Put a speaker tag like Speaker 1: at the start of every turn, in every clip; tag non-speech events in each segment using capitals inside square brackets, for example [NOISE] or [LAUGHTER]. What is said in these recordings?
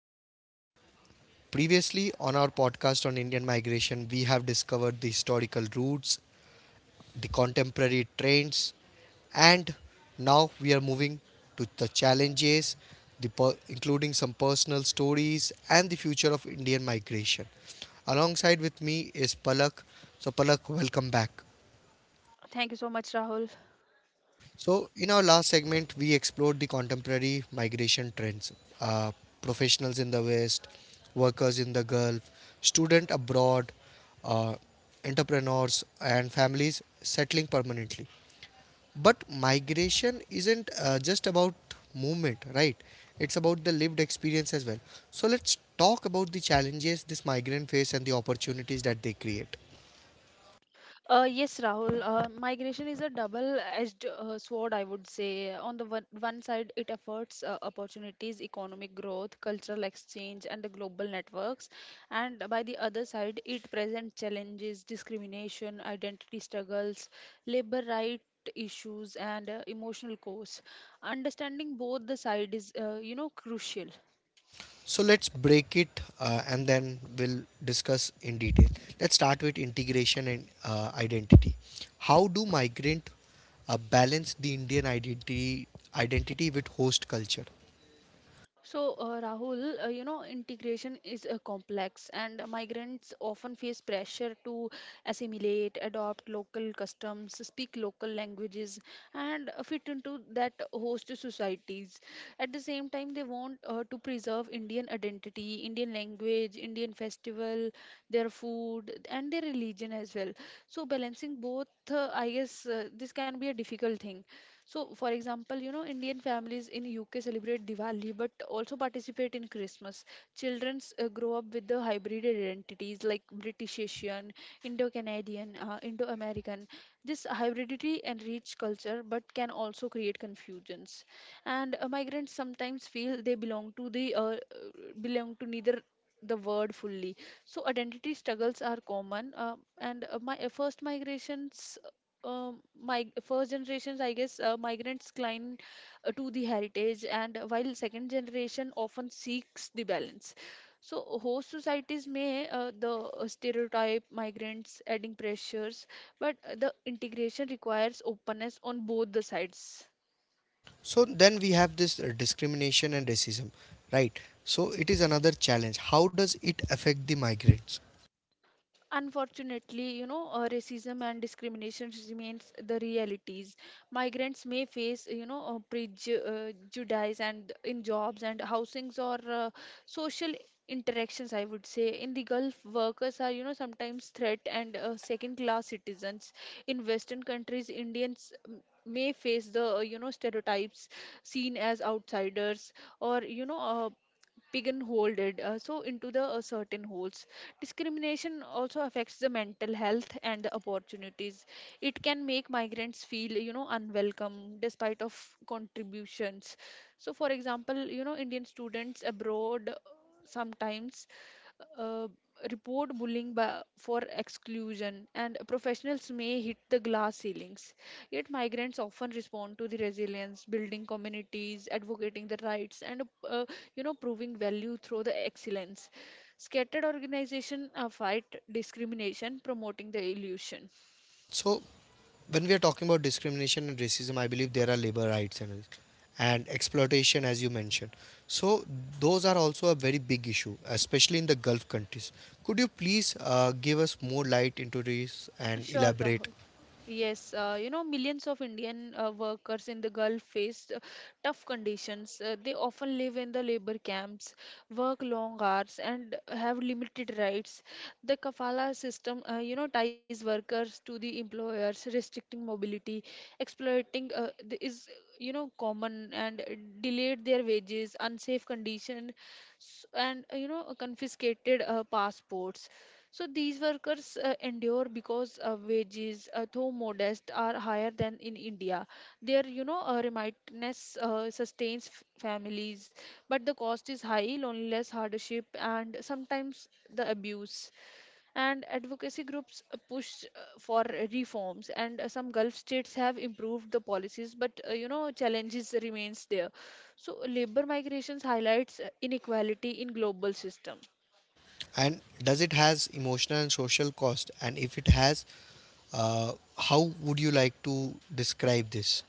Speaker 1: welcome back. Previously, on our podcast on Indian migration, we have discovered the historical roots, the contemporary trends, and now we are moving to the challenges, the including some personal stories, and the future of Indian migration. Alongside with me is Palak. So, Palak, welcome back.
Speaker 2: Thank you so much, Rahul.
Speaker 1: So, in our last segment, we explored the contemporary migration trends, uh, professionals in the West, workers in the Gulf, student abroad, uh, entrepreneurs, and families settling permanently. But migration isn't just about movement, right? It's about the lived experience as well. So, let's talk about the challenges this migrant face and the opportunities that they create.
Speaker 2: Yes, Rahul, migration is a double-edged sword, I would say. On the one side, it affords opportunities, economic growth, cultural exchange, and the global networks. And by the other side, it presents challenges, discrimination, identity struggles, labor rights issues and emotional costs understanding both the side is crucial.
Speaker 1: So let's break it and then we'll discuss in detail. Let's start with integration and identity. How do migrant balance the Indian identity with host culture?
Speaker 2: So, Rahul, integration is complex, and migrants often face pressure to assimilate, adopt local customs, speak local languages, and fit into that host societies. At the same time, they want to preserve Indian identity, Indian language, Indian festival, their food, and their religion as well. So, balancing both, I guess, this can be a difficult thing. So, for example, Indian families in UK celebrate Diwali but also participate in Christmas. Children grow up with the hybrid identities like British Asian, Indo Canadian, Indo American. This hybridity enrich culture but can also create confusions. And migrants sometimes feel they belong to the belong to neither the word fully, so identity struggles are common, and my first migrations mig- first generations, I guess, migrants climb to the heritage, and while second generation often seeks the balance. So, host societies may the stereotype migrants adding pressures, but the integration requires openness on both the sides.
Speaker 1: So then we have this discrimination and racism, right? So it is another challenge. How does it affect the migrants?
Speaker 2: Unfortunately, racism and discrimination remains the realities. Migrants may face, prejudice and in jobs and housings or social interactions. I would say in the Gulf, workers are, sometimes threat and second-class citizens. In Western countries, Indians may face the stereotypes seen as outsiders or pigeonholed, so into the certain holes. Discrimination also affects the mental health and the opportunities. It can make migrants feel, unwelcome despite of contributions. So for example, Indian students abroad sometimes uh, report bullying by, for exclusion, and professionals may hit the glass ceilings. Yet, migrants often respond to the resilience, building communities, advocating the rights, and uh, proving value through the excellence. Scattered organizations fight discrimination, promoting the illusion.
Speaker 1: So, when we are talking about discrimination and racism, I believe there are labor rights and exploitation, as you mentioned. So those are also a very big issue, especially in the Gulf countries. Could you please give us more light into this and
Speaker 2: Sure,
Speaker 1: elaborate?
Speaker 2: Rahul. Yes, millions of Indian workers in the Gulf face tough conditions. They often live in the labor camps, work long hours, and have limited rights. The kafala system, ties workers to the employers, restricting mobility, exploiting the, is, common, and delayed their wages, unsafe condition, s- and confiscated passports. So these workers endure because wages, though modest, are higher than in India. Their, remoteness sustains families, but the cost is high, loneliness, hardship, and sometimes the abuse. And advocacy groups push for reforms, and some Gulf states have improved the policies, but challenges remains there. So labor migrations highlights inequality in global system.
Speaker 1: And does it has emotional and social cost? And if it has, uh, how would you like to describe this?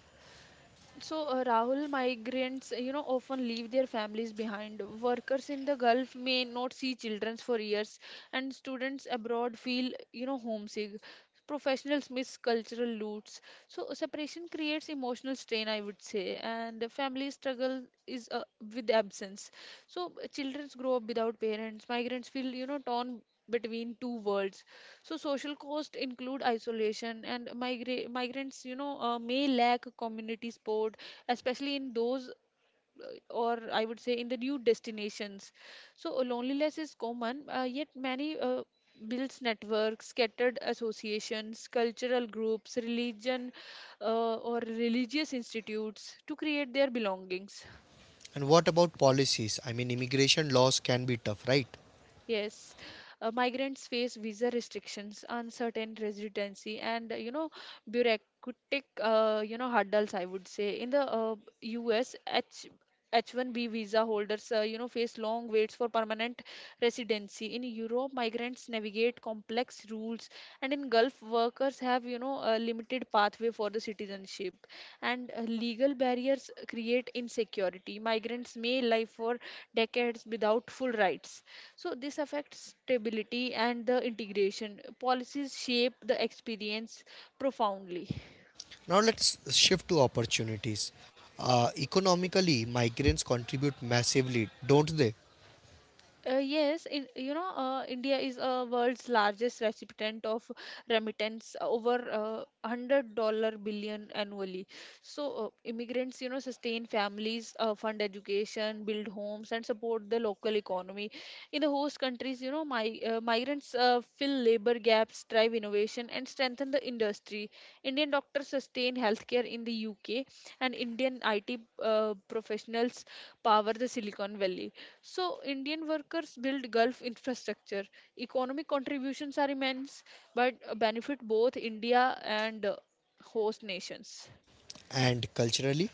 Speaker 2: So, Rahul, migrants, often leave their families behind. Workers in the Gulf may not see children for years, and students abroad feel, homesick. Professionals miss cultural roots. So, separation creates emotional strain, I would say, and the family struggle is with absence. So, children grow up without parents. Migrants feel, torn between two worlds. So social costs include isolation, and migrants, may lack community support, especially in those uh, or I would say in the new destinations. So loneliness is common, yet many builds networks, scattered associations, cultural groups, religion, or religious institutes to create their belongings.
Speaker 1: And what about policies? I mean, immigration laws can be tough, right?
Speaker 2: Yes, migrants face visa restrictions, uncertain residency, and bureaucratic, hurdles. I would say in the U.S. H H-1B visa holders face long waits for permanent residency. In Europe, migrants navigate complex rules, and in Gulf, workers have, a limited pathway for the citizenship. And legal barriers create insecurity. Migrants may live for decades without full rights, so this affects stability and the integration. Policies shape the experience profoundly.
Speaker 1: Now let's shift to opportunities. Economically, migrants contribute massively, don't they?
Speaker 2: Yes, in, India is a world's largest recipient of remittance, over $100 billion annually. So immigrants, sustain families, fund education, build homes, and support the local economy. In the host countries, migrants fill labor gaps, drive innovation, and strengthen the industry. Indian doctors sustain healthcare in the UK, and Indian IT professionals power the Silicon Valley. So, Indian workers build Gulf infrastructure. Economic contributions are immense, but benefit both India and host nations.
Speaker 1: And culturally?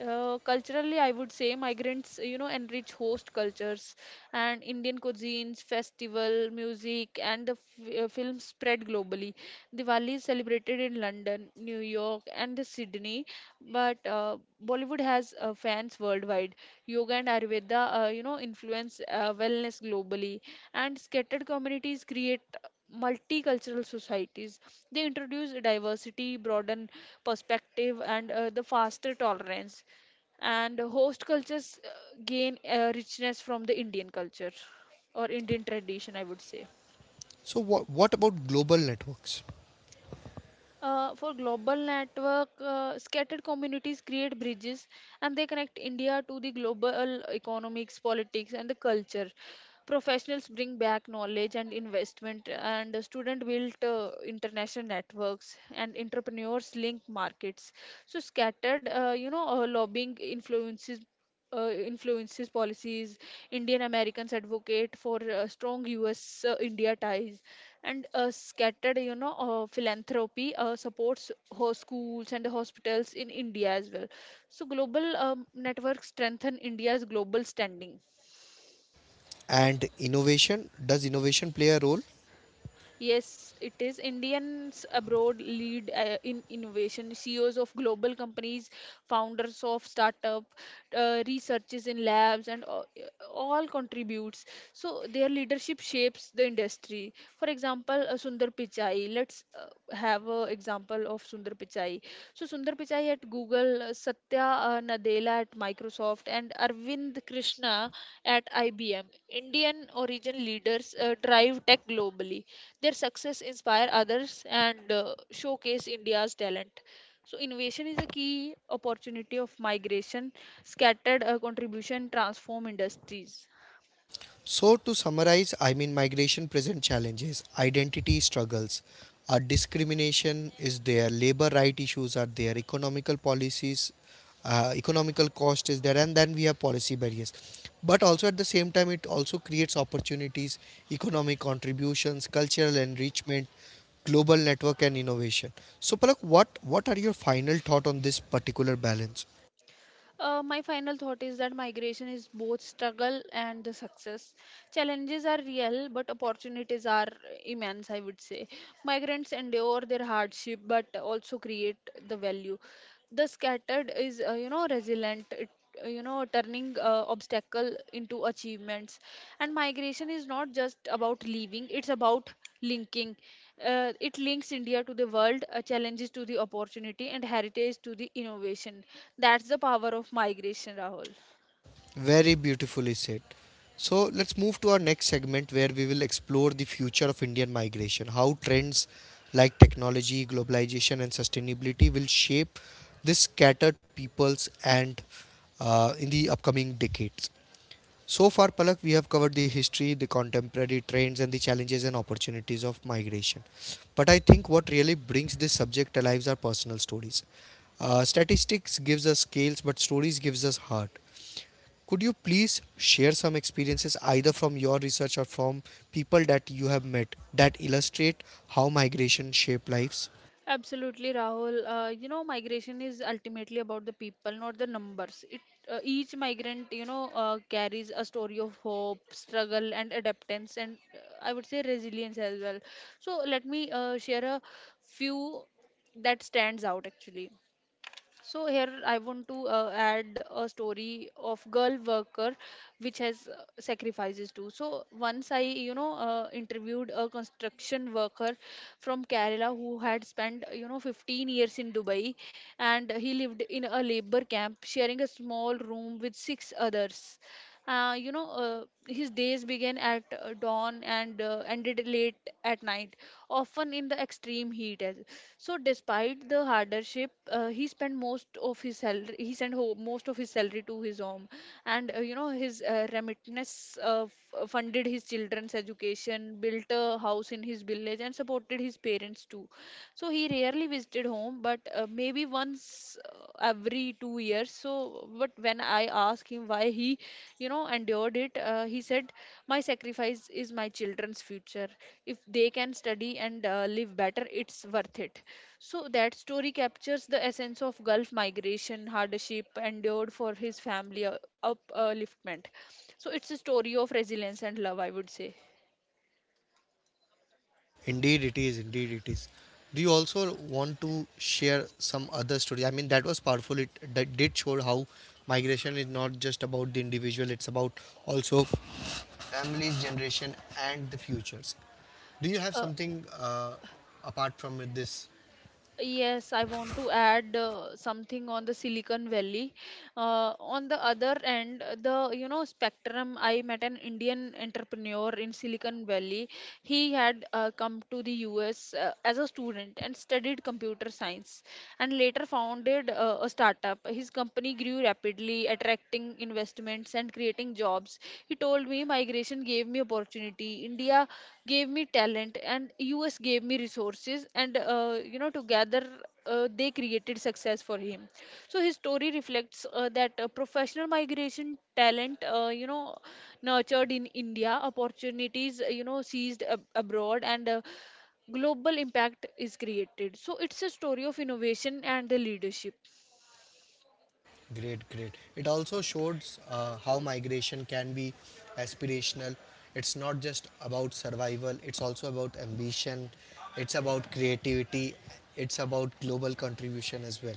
Speaker 2: Culturally, I would say migrants, enrich host cultures, and Indian cuisines, festival, music, and the film spread globally. Diwali is celebrated in London, New York, and the Sydney, but Bollywood has fans worldwide. Yoga and Ayurveda, influence wellness globally, and scattered communities create multicultural societies. They introduce diversity, broaden perspective, and the faster tolerance, and host cultures gain richness from the indian culture or indian tradition, I would say.
Speaker 1: So, what about global networks?
Speaker 2: For global network, scattered communities create bridges, and they connect India to the global economics, politics, and the culture. Professionals bring back knowledge and investment, and students build international networks, and entrepreneurs link markets. So scattered, lobbying influences policies. Indian Americans advocate for strong U.S. India ties, and scattered, philanthropy supports schools and hospitals in india as well. So global networks strengthen india's global standing.
Speaker 1: And innovation? Does innovation play a role?
Speaker 2: Yes, it is. Indians abroad lead in innovation. CEOs of global companies, founders of startup, researchers in labs, and all contributes. So their leadership shapes the industry. For example, Sundar Pichai. Let's have an example of Sundar Pichai. So Sundar Pichai at Google, Satya Nadella at Microsoft, and Arvind Krishna at IBM. Indian origin leaders drive tech globally. Their success inspire others, and showcase India's talent. So innovation is a key opportunity of migration, scattered contribution transform industries.
Speaker 1: So, to summarize, I mean, migration present challenges, identity struggles, discrimination is there, labor right issues are there, economical policies, economical cost is there, and then we have policy barriers. But also at the same time, it also creates opportunities, economic contributions, cultural enrichment, global network, and innovation. So, Palak, what are your final thought on this particular balance?
Speaker 2: My final thought is that migration is both struggle and the success. Challenges are real, but opportunities are immense, I would say. Migrants endure their hardship, but also create the value. The scattered is, resilient. It, turning obstacle into achievements. And migration is not just about leaving; it's about linking. It links India to the world, challenges to the opportunity, and heritage to the innovation. That's the power of migration, Rahul.
Speaker 1: Very beautifully said. So let's move to our next segment where we will explore the future of Indian migration, how trends like technology, globalization, and sustainability will shape this scattered peoples and, in the upcoming decades. So far, Palak, we have covered the history, the contemporary trends, and the challenges and opportunities of migration. But I think what really brings this subject alive are personal stories. Statistics gives us scales, but stories gives us heart. Could you please share some experiences either from your research or from people that you have met that illustrate how migration shape lives?
Speaker 2: Absolutely, Rahul. Migration is ultimately about the people, not the numbers. It each migrant, carries a story of hope, struggle, and adaptance, and I would say resilience as well. So let me share a few that stands out actually. So here I want to add a story of girl worker which has sacrifices too. So once I, interviewed a construction worker from Kerala who had spent, 15 years in Dubai, and he lived in a labor camp sharing a small room with six others. His days began at dawn and ended late at night, often in the extreme heat. As so Despite the hardship, he spent most of his salary. He sent most of his salary to his home, and his remittance funded his children's education, built a house in his village, and supported his parents too. So he rarely visited home, but maybe once every 2 years. So, but when I asked him why he, endured it, he said, "My sacrifice is my children's future. If they can study and live better, it's worth it." So that story captures the essence of Gulf migration, hardship endured for his family upliftment. So it's a story of resilience and love, I would say.
Speaker 1: Indeed, it is. Indeed, it is. Do you also want to share some other story? I mean, that was powerful. It that did show how migration is not just about the individual; it's about also families, generation, and the futures. Do you have
Speaker 2: Uh,
Speaker 1: something, apart from this?
Speaker 2: yes, I want to add something on the Silicon Valley. On the other end, the you know spectrum, I met an Indian entrepreneur in Silicon Valley. He had come to the US as a student and studied computer science, and later founded a startup. His company grew rapidly, attracting investments and creating jobs. He told me migration gave me opportunity, India gave me talent, and US gave me resources. And together they created success for him. So his story reflects that professional migration talent, nurtured in India, opportunities, abroad, and global impact is created. So it's a story of innovation and the leadership.
Speaker 1: Great, great. It also shows how migration can be aspirational. It's not just about survival, it's also about ambition, it's about creativity, it's about global contribution as well.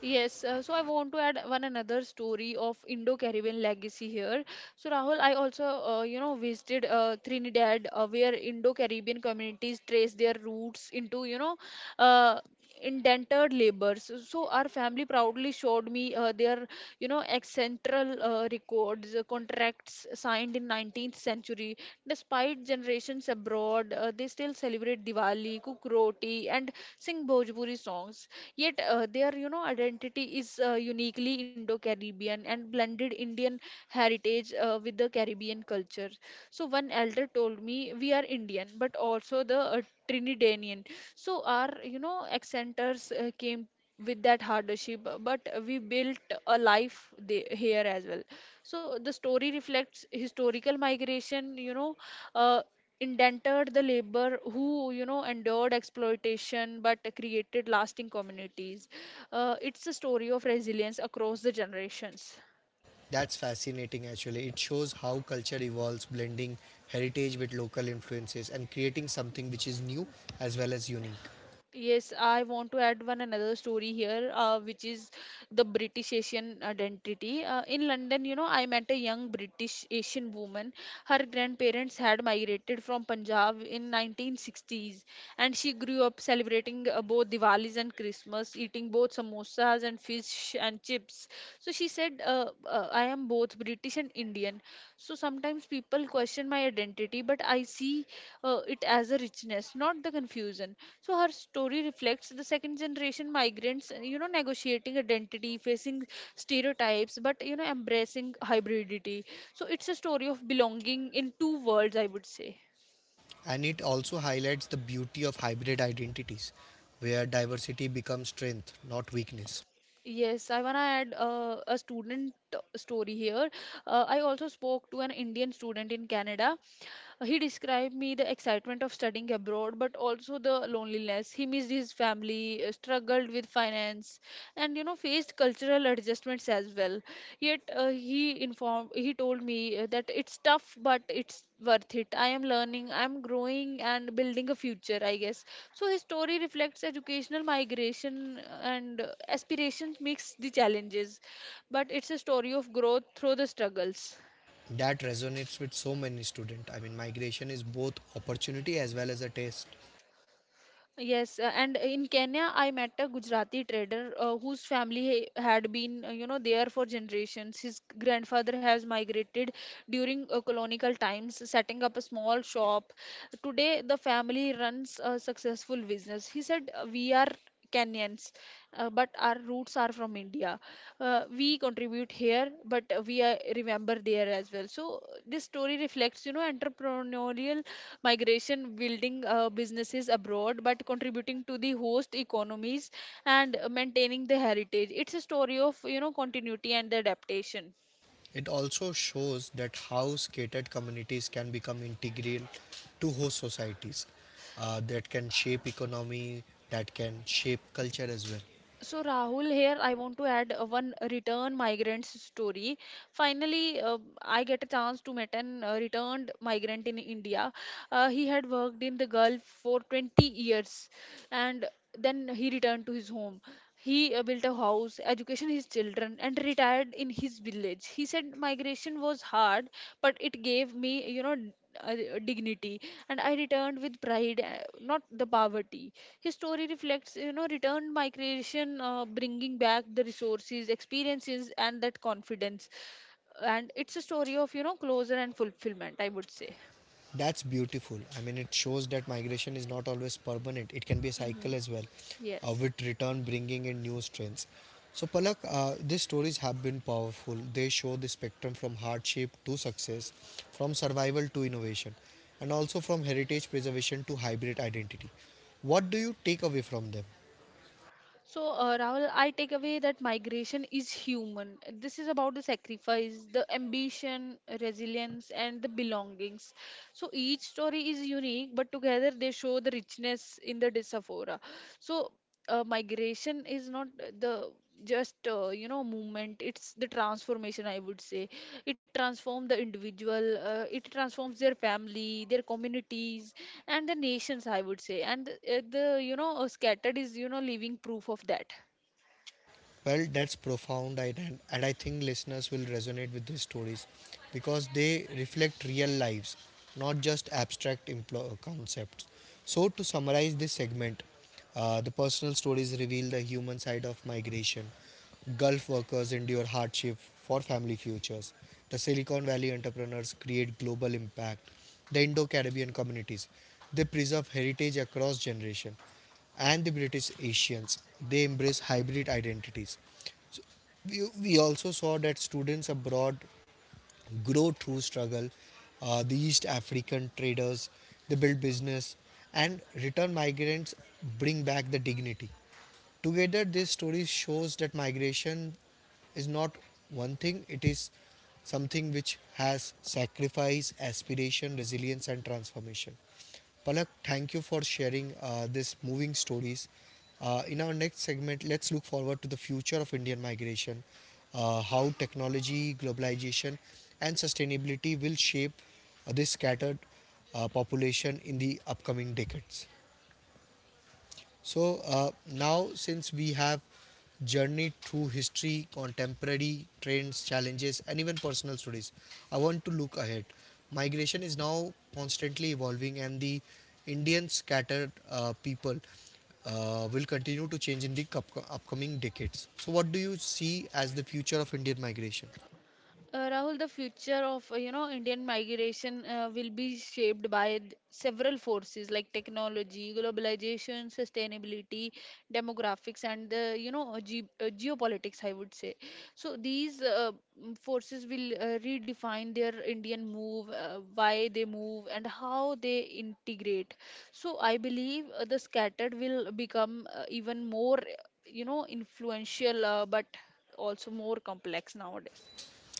Speaker 2: Yes, so I want to add one another story of Indo-Caribbean legacy here. So Rahul, I also visited Trinidad, where Indo-Caribbean communities trace their roots into uh, indentured laborers. So our family proudly showed me their ancestral records, contracts signed in 19th century. Despite generations abroad, they still celebrate Diwali, cook roti, and sing Bhojpuri songs. Yet their identity is uniquely Indo-Caribbean and blended Indian heritage with the Caribbean culture. So one elder told me, "We are Indian, but also the Trinidadian. So our accenters came with that hardship, but we built a life here as well." So the story reflects historical migration, uh, indented the labor who endured exploitation but created lasting communities. It's a story of resilience across the generations.
Speaker 1: That's fascinating actually. It shows how culture evolves, blending heritage with local influences and creating something which is new as well as unique.
Speaker 2: Yes, I want to add one another story here, which is the British Asian identity. In London, you know, I met a young British Asian woman. Her grandparents had migrated from Punjab in 1960s, and she grew up celebrating both Diwalis and Christmas, eating both samosas and fish and chips. So she said, "I am both British and Indian. So sometimes people question my identity, but I see it as a richness, not the confusion." So her story reflects the second generation migrants negotiating identity, facing stereotypes but embracing hybridity. So it's a story of belonging in two worlds, I would say.
Speaker 1: And it also highlights the beauty of hybrid identities, where diversity becomes strength, not weakness.
Speaker 2: Yes, I want to add a student story here. I also spoke to an Indian student in Canada. He described me the excitement of studying abroad, but also the loneliness. He missed his family, struggled with finance, and faced cultural adjustments as well. Yet he told me that it's tough, but it's worth it. I am learning, I am growing, and building a future, I guess. So his story reflects educational migration and aspirations mix the challenges, but it's a story of growth through the struggles.
Speaker 1: That resonates with so many students. I mean, migration is both opportunity as well as a test.
Speaker 2: Yes, and in Kenya, I met a Gujarati trader whose family had been, you know, there for generations. His grandfather has migrated during colonial times, setting up a small shop. Today, the family runs a successful business. He said, we are Kenyans, but our roots are from India. We contribute here, but we are, remember there as well." So this story reflects, you know, entrepreneurial migration, building businesses abroad but contributing to the host economies and maintaining the heritage. It's a story of continuity and adaptation.
Speaker 1: It also shows that how scattered communities can become integral to host societies, that can shape economy, that can shape culture as well.
Speaker 2: So Rahul, here I want to add one return migrants story. Finally, I get a chance to meet an returned migrant in India. He had worked in the gulf for 20 years, and then he returned to his home. He built a house, education his children, and retired in his village. He said, "Migration was hard, but it gave me, you know, dignity, and I returned with pride, not the poverty." His story reflects, you know, return migration, bringing back the resources, experiences, and that confidence. And it's a story of, you know, closure and fulfillment, I would say.
Speaker 1: That's beautiful. I mean, it shows that migration is not always permanent. It can be a
Speaker 2: Hmm.
Speaker 1: cycle as well,
Speaker 2: Yes.
Speaker 1: with return bringing in new strengths. So, Palak, these stories have been powerful. They show the spectrum from hardship to success, from survival to innovation, and also from heritage preservation to hybrid identity. What do you take away from them?
Speaker 2: So, Rahul, I take away that migration is human. This is about the sacrifice, the ambition, resilience, and the belongings. So each story is unique, but together they show the richness in the diaspora. So, migration is not the just movement, it's the transformation, I would say. It transforms the individual, it transforms their family, their communities, and the nations, I would say. And the you know scattered is living proof of that.
Speaker 1: Well, that's profound, and I think listeners will resonate with these stories because they reflect real lives, not just abstract concepts. So, to summarize this segment, the personal stories reveal the human side of migration. Gulf workers endure hardship for family futures. The Silicon Valley entrepreneurs create global impact. The Indo Caribbean communities, they preserve heritage across generations, and the British Asians, they embrace hybrid identities. So we also saw that students abroad grow through struggle. The East African traders, they build business, and return migrants bring back the dignity. Together, this story shows that migration is not one thing, it is something which has sacrifice, aspiration, resilience, and transformation. Palak, thank you for sharing this moving stories. In our next segment, let's look forward to the future of Indian migration, how technology, globalization, and sustainability will shape this scattered population in the upcoming decades. So now, since we have journeyed through history, contemporary trends, challenges, and even personal stories, I want to look ahead. Migration is now constantly evolving, and the Indian scattered people will continue to change in the upcoming decades. So, what do you see as the future of Indian migration?
Speaker 2: Rahul, the future of Indian migration will be shaped by several forces like technology, globalization, sustainability, demographics, and the geopolitics, I would say. So these forces will redefine their Indian move, why they move, and how they integrate. So I believe the scattered will become even more influential, but also more complex nowadays.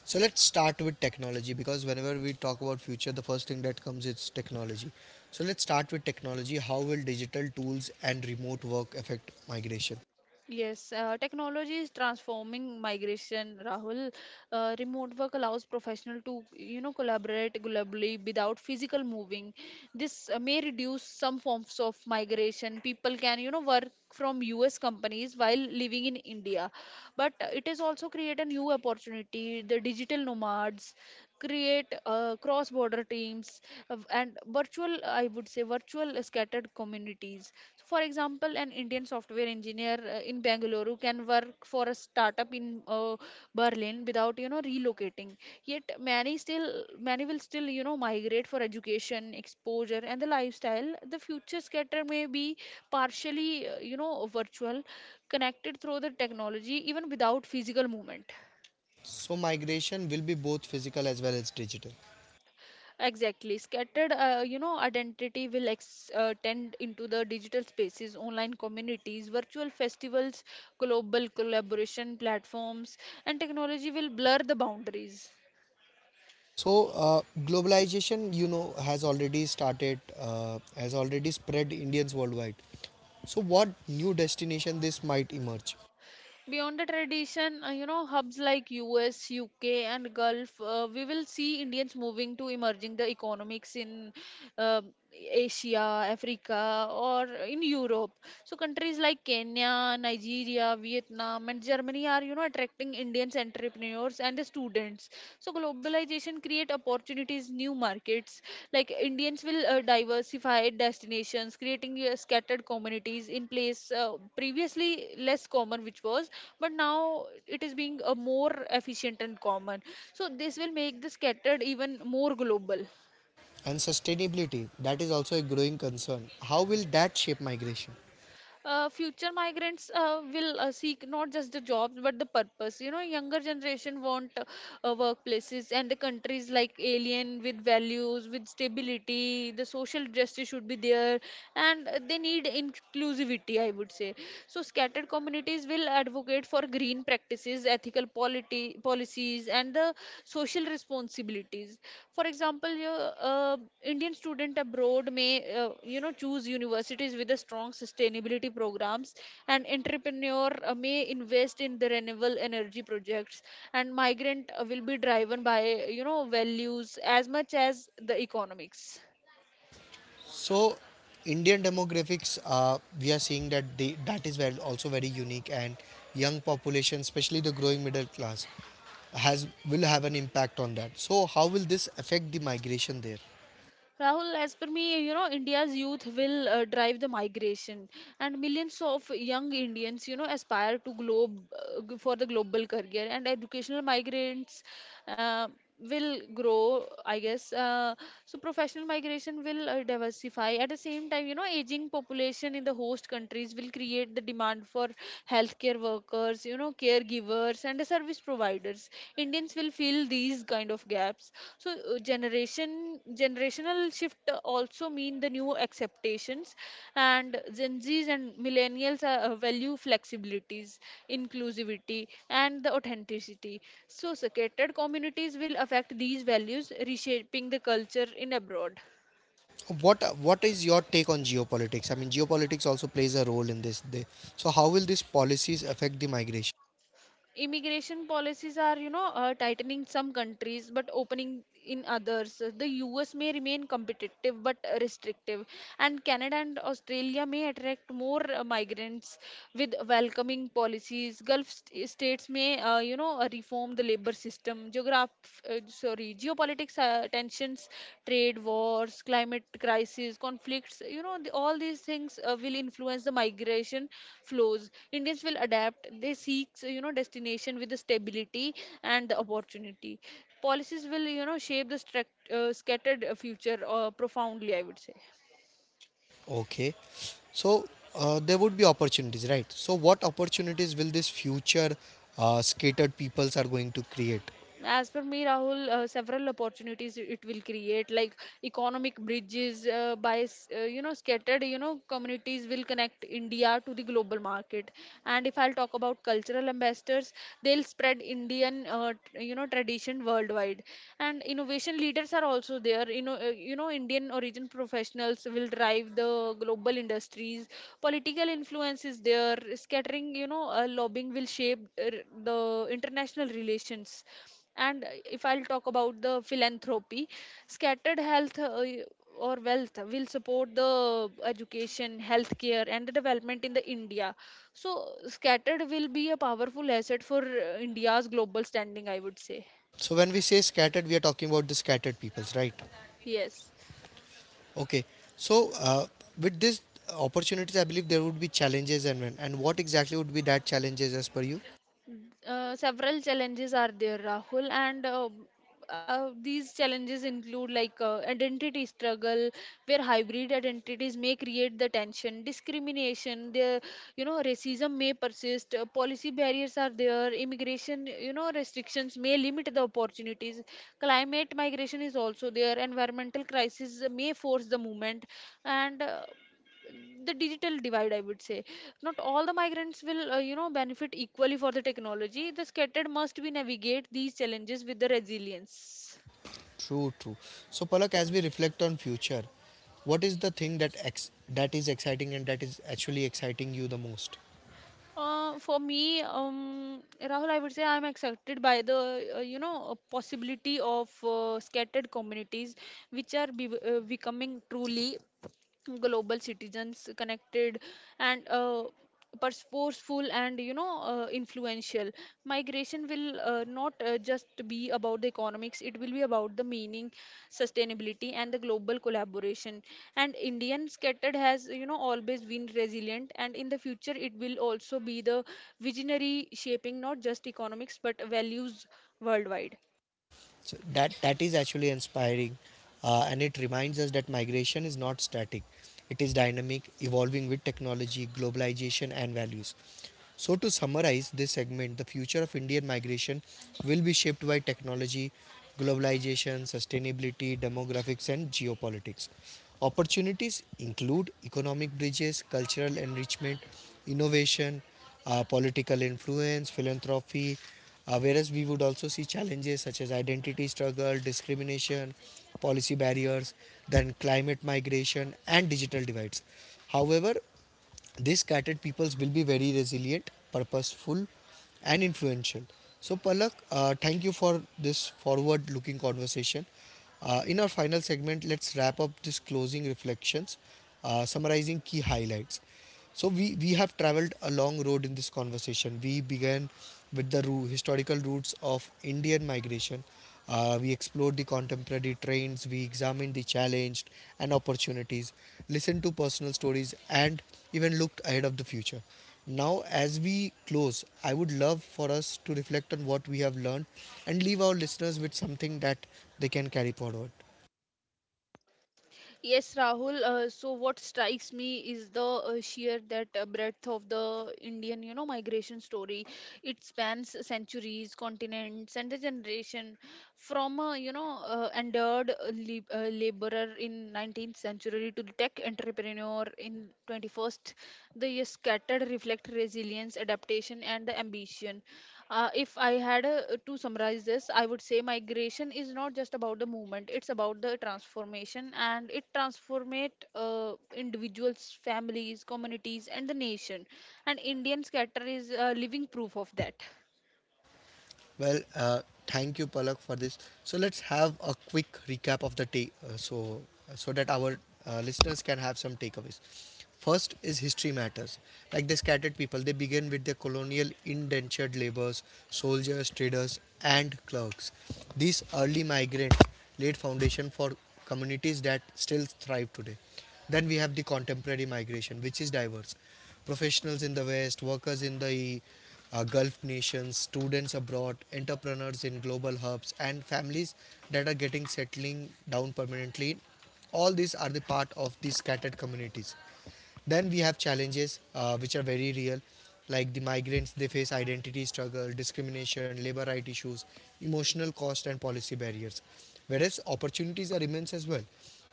Speaker 1: So let's start with technology because whenever we talk about future, the first thing that comes is technology. So let's start with technology. How will digital tools and remote work affect migration?
Speaker 2: Yes, technology is transforming migration, Rahul. Remote work allows professional to, you know, collaborate globally without physical moving. This may reduce some forms of migration. People can, you know, work from US companies while living in India. But it has also created a new opportunity, the digital nomads create cross border teams and virtual, I would say, virtual scattered communities. So, for example, an Indian software engineer in Bangalore can work for a startup in Berlin without relocating. Yet many will still migrate for education, exposure, and the lifestyle. The future scatter may be partially virtual, connected through the technology even without physical movement.
Speaker 1: So migration will be both physical as well as digital.
Speaker 2: Exactly. Scattered, you know, identity will tend into the digital spaces, online communities, virtual festivals, global collaboration platforms, and technology will blur the boundaries.
Speaker 1: So globalization, you know, has already started, has already spread Indians worldwide. So what new destination this might emerge?
Speaker 2: Beyond the tradition, you know, hubs like US, UK, and Gulf, we will see Indians moving to emerging the economics in uh, Asia, Africa, or in Europe. So countries like Kenya, Nigeria, Vietnam, and Germany are, you know, attracting Indians entrepreneurs and the students. So globalization create opportunities, new markets. Like Indians will diversify destinations, creating scattered communities in place previously less common, which was, but now it is being more efficient and common. So this will make the scattered even more global.
Speaker 1: And sustainability, that is also a growing concern. How will that shape migration?
Speaker 2: Future migrants will seek not just the jobs but the purpose. You know, younger generation want workplaces and the countries like alien with values, with stability, the social justice should be there, and they need inclusivity, I would say. So scattered communities will advocate for green practices, ethical policies, and the social responsibilities. For example, uh, Indian student abroad may choose universities with a strong sustainability programs, and entrepreneur may invest in the renewable energy projects, and migrant will be driven by values as much as the economics.
Speaker 1: So, Indian demographics, we are seeing that the that is very, also very unique, and young population, especially the growing middle class, has will have an impact on that. So, how will this affect the migration there?
Speaker 2: Rahul, as per me, you know, India's youth will drive the migration, and millions of young Indians, you know, aspire to for the global career, and educational migrants uh, will grow, I guess. So professional migration will diversify. At the same time, you know, aging population in the host countries will create the demand for healthcare workers, you know, caregivers, and the service providers. Indians will fill these kind of gaps. So generational shift also mean the new expectations, and Gen Zs and millennials are, value flexibilities, inclusivity, and the authenticity. So segregated communities will affect these values, reshaping the culture in abroad.
Speaker 1: What what is your take on geopolitics? I mean, geopolitics also plays a role in this. Day. So, how will these policies affect the migration?
Speaker 2: Immigration policies are, you know, tightening some countries but opening in others. The US may remain competitive but restrictive, and Canada and Australia may attract more migrants with welcoming policies. Gulf states may reform the labor system. Geograph sorry Country geopolitics, tensions, trade wars, climate crisis, conflicts, you know, the, all these things will influence the migration flows. Indians will adapt, they seek, you know, destination with the stability and the opportunity. Policies will, you know, shape the scattered future profoundly, I would say.
Speaker 1: Okay, so there would be opportunities, right? So, what opportunities will this future scattered peoples are going to create?
Speaker 2: As per me, Rahul, several opportunities it will create, like economic bridges you know, scattered, communities will connect India to the global market. And if I'll talk about cultural ambassadors, they'll spread Indian tradition worldwide. And innovation leaders are also there. Indian origin professionals will drive the global industries. Political influence is there. Scattering, lobbying will shape the international relations and If I'll talk about the philanthropy, scattered health or wealth will support the education, healthcare, and the development in the India. So scattered will be a powerful asset for India's global standing, I would say.
Speaker 1: So when we say scattered, we are talking about the scattered peoples, right?
Speaker 2: Yes.
Speaker 1: Okay. So with these opportunities, I believe there would be challenges and when and what exactly would be that challenges as per you?
Speaker 2: Several challenges are there, Rahul, and these challenges include like identity struggle, where hybrid identities may create the tension, discrimination, the racism may persist. Uh, policy barriers are there, immigration, restrictions may limit the opportunities. Climate migration is also there, environmental crisis may force the movement, and the digital divide, I would say. Not all the migrants will benefit equally for the technology. The scattered must be navigate these challenges with the resilience.
Speaker 1: True, true. So Palak, as we reflect on future, what is the thing that that is exciting and that is actually exciting you the most?
Speaker 2: For me, Rahul, I would say I'm excited by the possibility of scattered communities, which are becoming truly global citizens, connected and forceful and influential. Migration will not just be about the economics, it will be about the meaning, sustainability, and the global collaboration. And Indian scattered has, always been resilient, and in the future it will also be the visionary, shaping not just economics but values worldwide.
Speaker 1: So that that is actually inspiring, and it reminds us that migration is not static; it is dynamic, evolving with technology, globalization, and values. So to summarize this segment, the future of Indian migration will be shaped by technology, globalization, sustainability, demographics, and geopolitics. Opportunities include economic bridges, cultural enrichment, innovation, political influence, philanthropy, whereas we would also see challenges such as identity struggle, discrimination, policy barriers, then climate migration, and digital divides. However, these scattered peoples will be very resilient, purposeful, and influential. So, Palak, thank you for this forward looking conversation. In our final segment, let's wrap up this closing reflections, summarizing key highlights. So, we have traveled a long road in this conversation. We began with the historical roots of Indian migration, we explored the contemporary trends, we examined the challenges and opportunities, listened to personal stories, and even looked ahead of the future. Now, as we close, I would love for us to reflect on what we have learned and leave our listeners with something that they can carry forward.
Speaker 2: Yes, Rahul. So what strikes me is the sheer that breadth of the Indian, migration story. It spans centuries, continents, and a generation, from a, endured laborer in 19th century to the tech entrepreneur in 21st. The scattered reflect resilience, adaptation, and the ambition. If I had to summarize this, I would say migration is not just about the movement; it's about the transformation, and it transformate individuals, families, communities, and the nation. And Indian scatter is living proof of that.
Speaker 1: Well, thank you, Palak, for this. So let's have a quick recap of the take, so so that our listeners can have some takeaways. First is history matters. Like the scattered people, they begin with their colonial indentured laborers, soldiers, traders, and clerks. These early migrants laid foundation for communities that still thrive today. Then we have the contemporary migration, which is diverse. Professionals in the West, workers in the Gulf nations, students abroad, entrepreneurs in global hubs, and families that are getting settling down permanently. All these are the part of these scattered communities. Then we have challenges, which are very real, like the migrants they face identity struggle, discrimination, labor right issues, emotional cost, and policy barriers. Whereas opportunities are immense as well,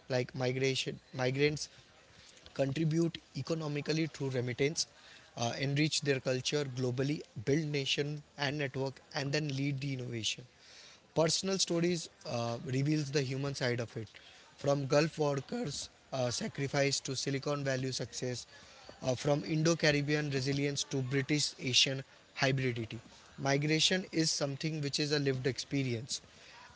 Speaker 1: like migration migrants contribute economically through remittance, enrich their culture globally, build nation and network, and then lead the innovation. Personal stories reveals the human side of it, from Gulf workers' sacrifice to Silicon Valley success, from Indo-Caribbean resilience to British Asian hybridity. Migration is something which is a lived experience,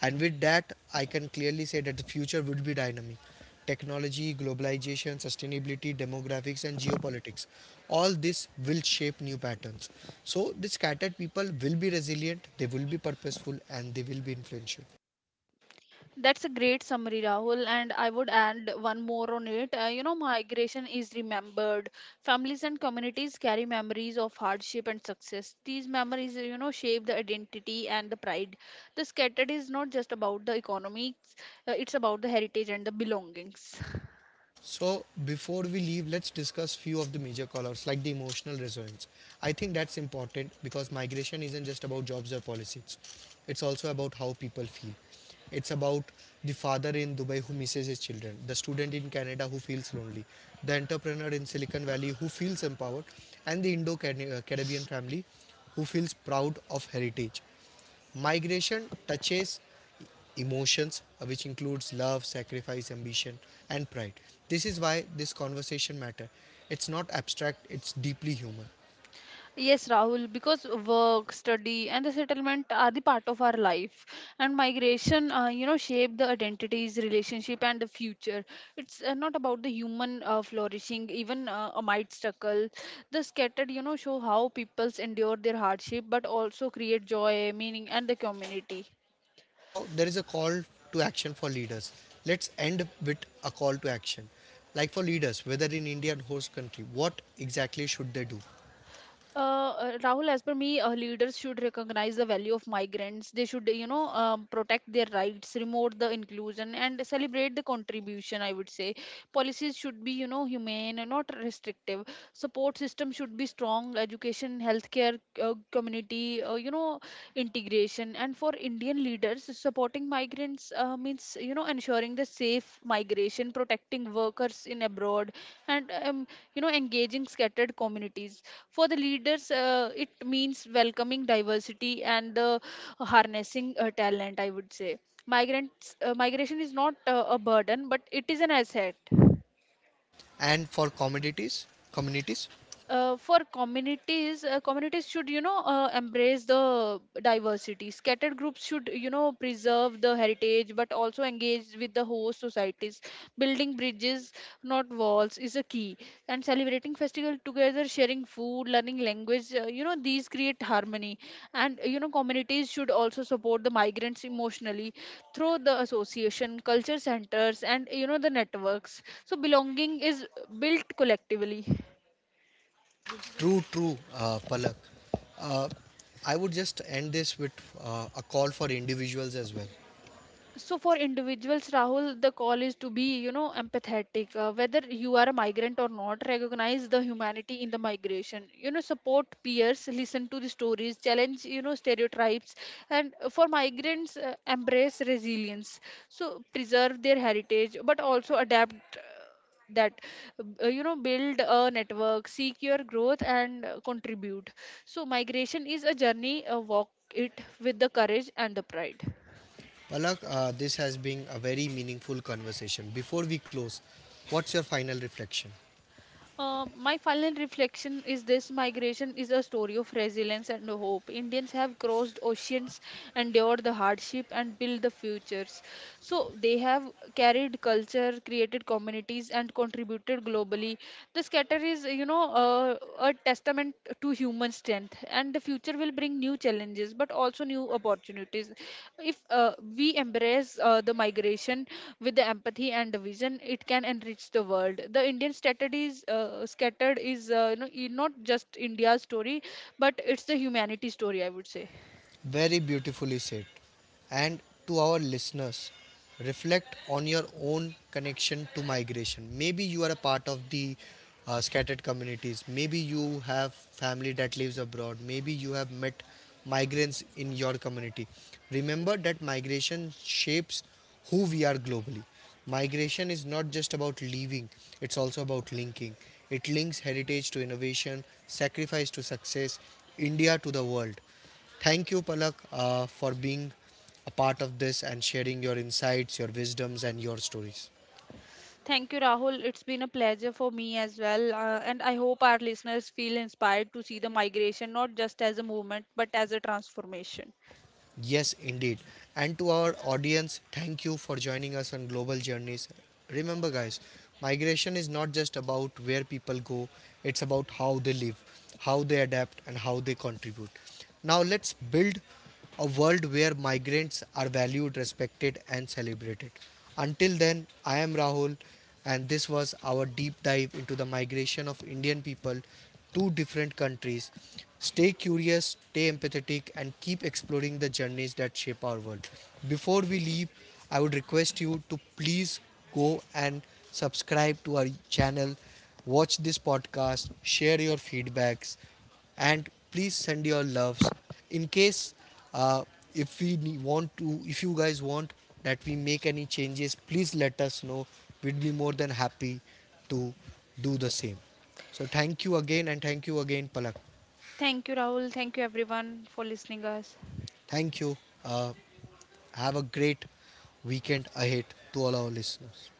Speaker 1: and with that, I can clearly say that the future would be dynamic. Technology, globalization, sustainability, demographics, and geopolitics. All this will shape new patterns. So, the scattered people will be resilient, they will be purposeful, and they will be influential.
Speaker 2: That's a great summary, Rahul. And I would add one more on it. You know, migration is remembered. Families and communities carry memories of hardship and success. These memories, shape the identity and the pride. The scattered is not just about the economics, it's about the heritage and the belongings. [LAUGHS]
Speaker 1: So before we leave, let's discuss few of the major callouts like the emotional resonance. I think that's important because migration isn't just about jobs or policies. It's also about how people feel. It's about the father in Dubai who misses his children, the student in Canada who feels lonely, the entrepreneur in Silicon Valley who feels empowered, and the Indo Caribbean family who feels proud of heritage. Migration touches emotions, which includes love, sacrifice, ambition, and pride. This is why this conversation matter. It's not abstract, it's deeply human.
Speaker 2: Yes, Rahul, because work, study, and the settlement are the part of our life. And migration, shape the identities, relationship, and the future. It's not about the human flourishing, even amid struggle. The scattered, show how peoples endure their hardship, but also create joy, meaning, and the community.
Speaker 1: Now there is a call to action for leaders. Let's end with a call to action. Like for leaders, whether in India and host country, what exactly should they do?
Speaker 2: Rahul, as per me, leaders should recognize the value of migrants. They should, protect their rights, promote the inclusion, and celebrate the contribution. I would say policies should be, humane and not restrictive. Support system should be strong. Education, healthcare, community, integration. And for Indian leaders, supporting migrants means, ensuring the safe migration, protecting workers in abroad, and engaging scattered communities for the leaders. It means welcoming diversity and the harnessing talent, I would say. Migration is not a burden, but it is an asset.
Speaker 1: And for communities,
Speaker 2: For communities, communities should, embrace the diversity. Scattered groups should, preserve the heritage, but also engage with the host societies, building bridges, not walls is a key. And celebrating festival together, sharing food, learning language, these create harmony. And communities should also support the migrants emotionally, through the association, culture centers, and the networks, so belonging is built collectively.
Speaker 1: true, true, Palak. Uh, I would just end this with a call for individuals as well.
Speaker 2: So for individuals, Rahul, the call is to be, empathetic. Whether you are a migrant or not, recognize the humanity in the migration. Support peers, listen to the stories, challenge, stereotypes, and for migrants, embrace resilience. So preserve their heritage, but also adapt that you know build a network, seek your growth, and contribute. So migration is a journey, walk it with the courage and the pride.
Speaker 1: Palak, this has been a very meaningful conversation. Before we close, what's your final reflection?
Speaker 2: My final reflection is this: migration is a story of resilience and hope. Indians have crossed oceans, endured the hardship, and built the futures. So they have carried culture, created communities, and contributed globally. The scatter is, a testament to human strength, and the future will bring new challenges but also new opportunities. If we embrace the migration with the empathy and the vision, it can enrich the world. The Indian strategies, scattered is, not just India's story, but it's the humanity story, I would say.
Speaker 1: Very beautifully said. And to our listeners, reflect on your own connection to migration. Maybe you are a part of the scattered communities. Maybe you have family that lives abroad. Maybe you have met migrants in your community. Remember that migration shapes who we are globally. Migration is not just about leaving, it's also about linking. It links heritage to innovation, sacrifice to success, India to the world. Thank you, Palak, for being a part of this and sharing your insights, your wisdoms, and your stories.
Speaker 2: Thank you, Rahul. It's been a pleasure for me as well. And I hope our listeners feel inspired to see the migration not just as a movement, but as a transformation.
Speaker 1: Yes, indeed. And to our audience, thank you for joining us on Global Journeys. Remember, guys, migration is not just about where people go, it's about how they live, how they adapt, and how they contribute. Now, let's build a world where migrants are valued, respected, and celebrated. Until then, I am Rahul, and this was our deep dive into the migration of Indian people two different countries. Stay curious, stay empathetic, and keep exploring the journeys that shape our world. Before we leave, I would request you to please go and subscribe to our channel, watch this podcast, share your feedbacks, and please send your loves in case, uh, if you guys want that we make any changes, please let us know. We'd be more than happy to do the same. So thank you again, and thank you again, Palak.
Speaker 2: Thank you, Rahul. Thank you, everyone, for listening us.
Speaker 1: Thank you, uh, have a great weekend ahead to all our listeners.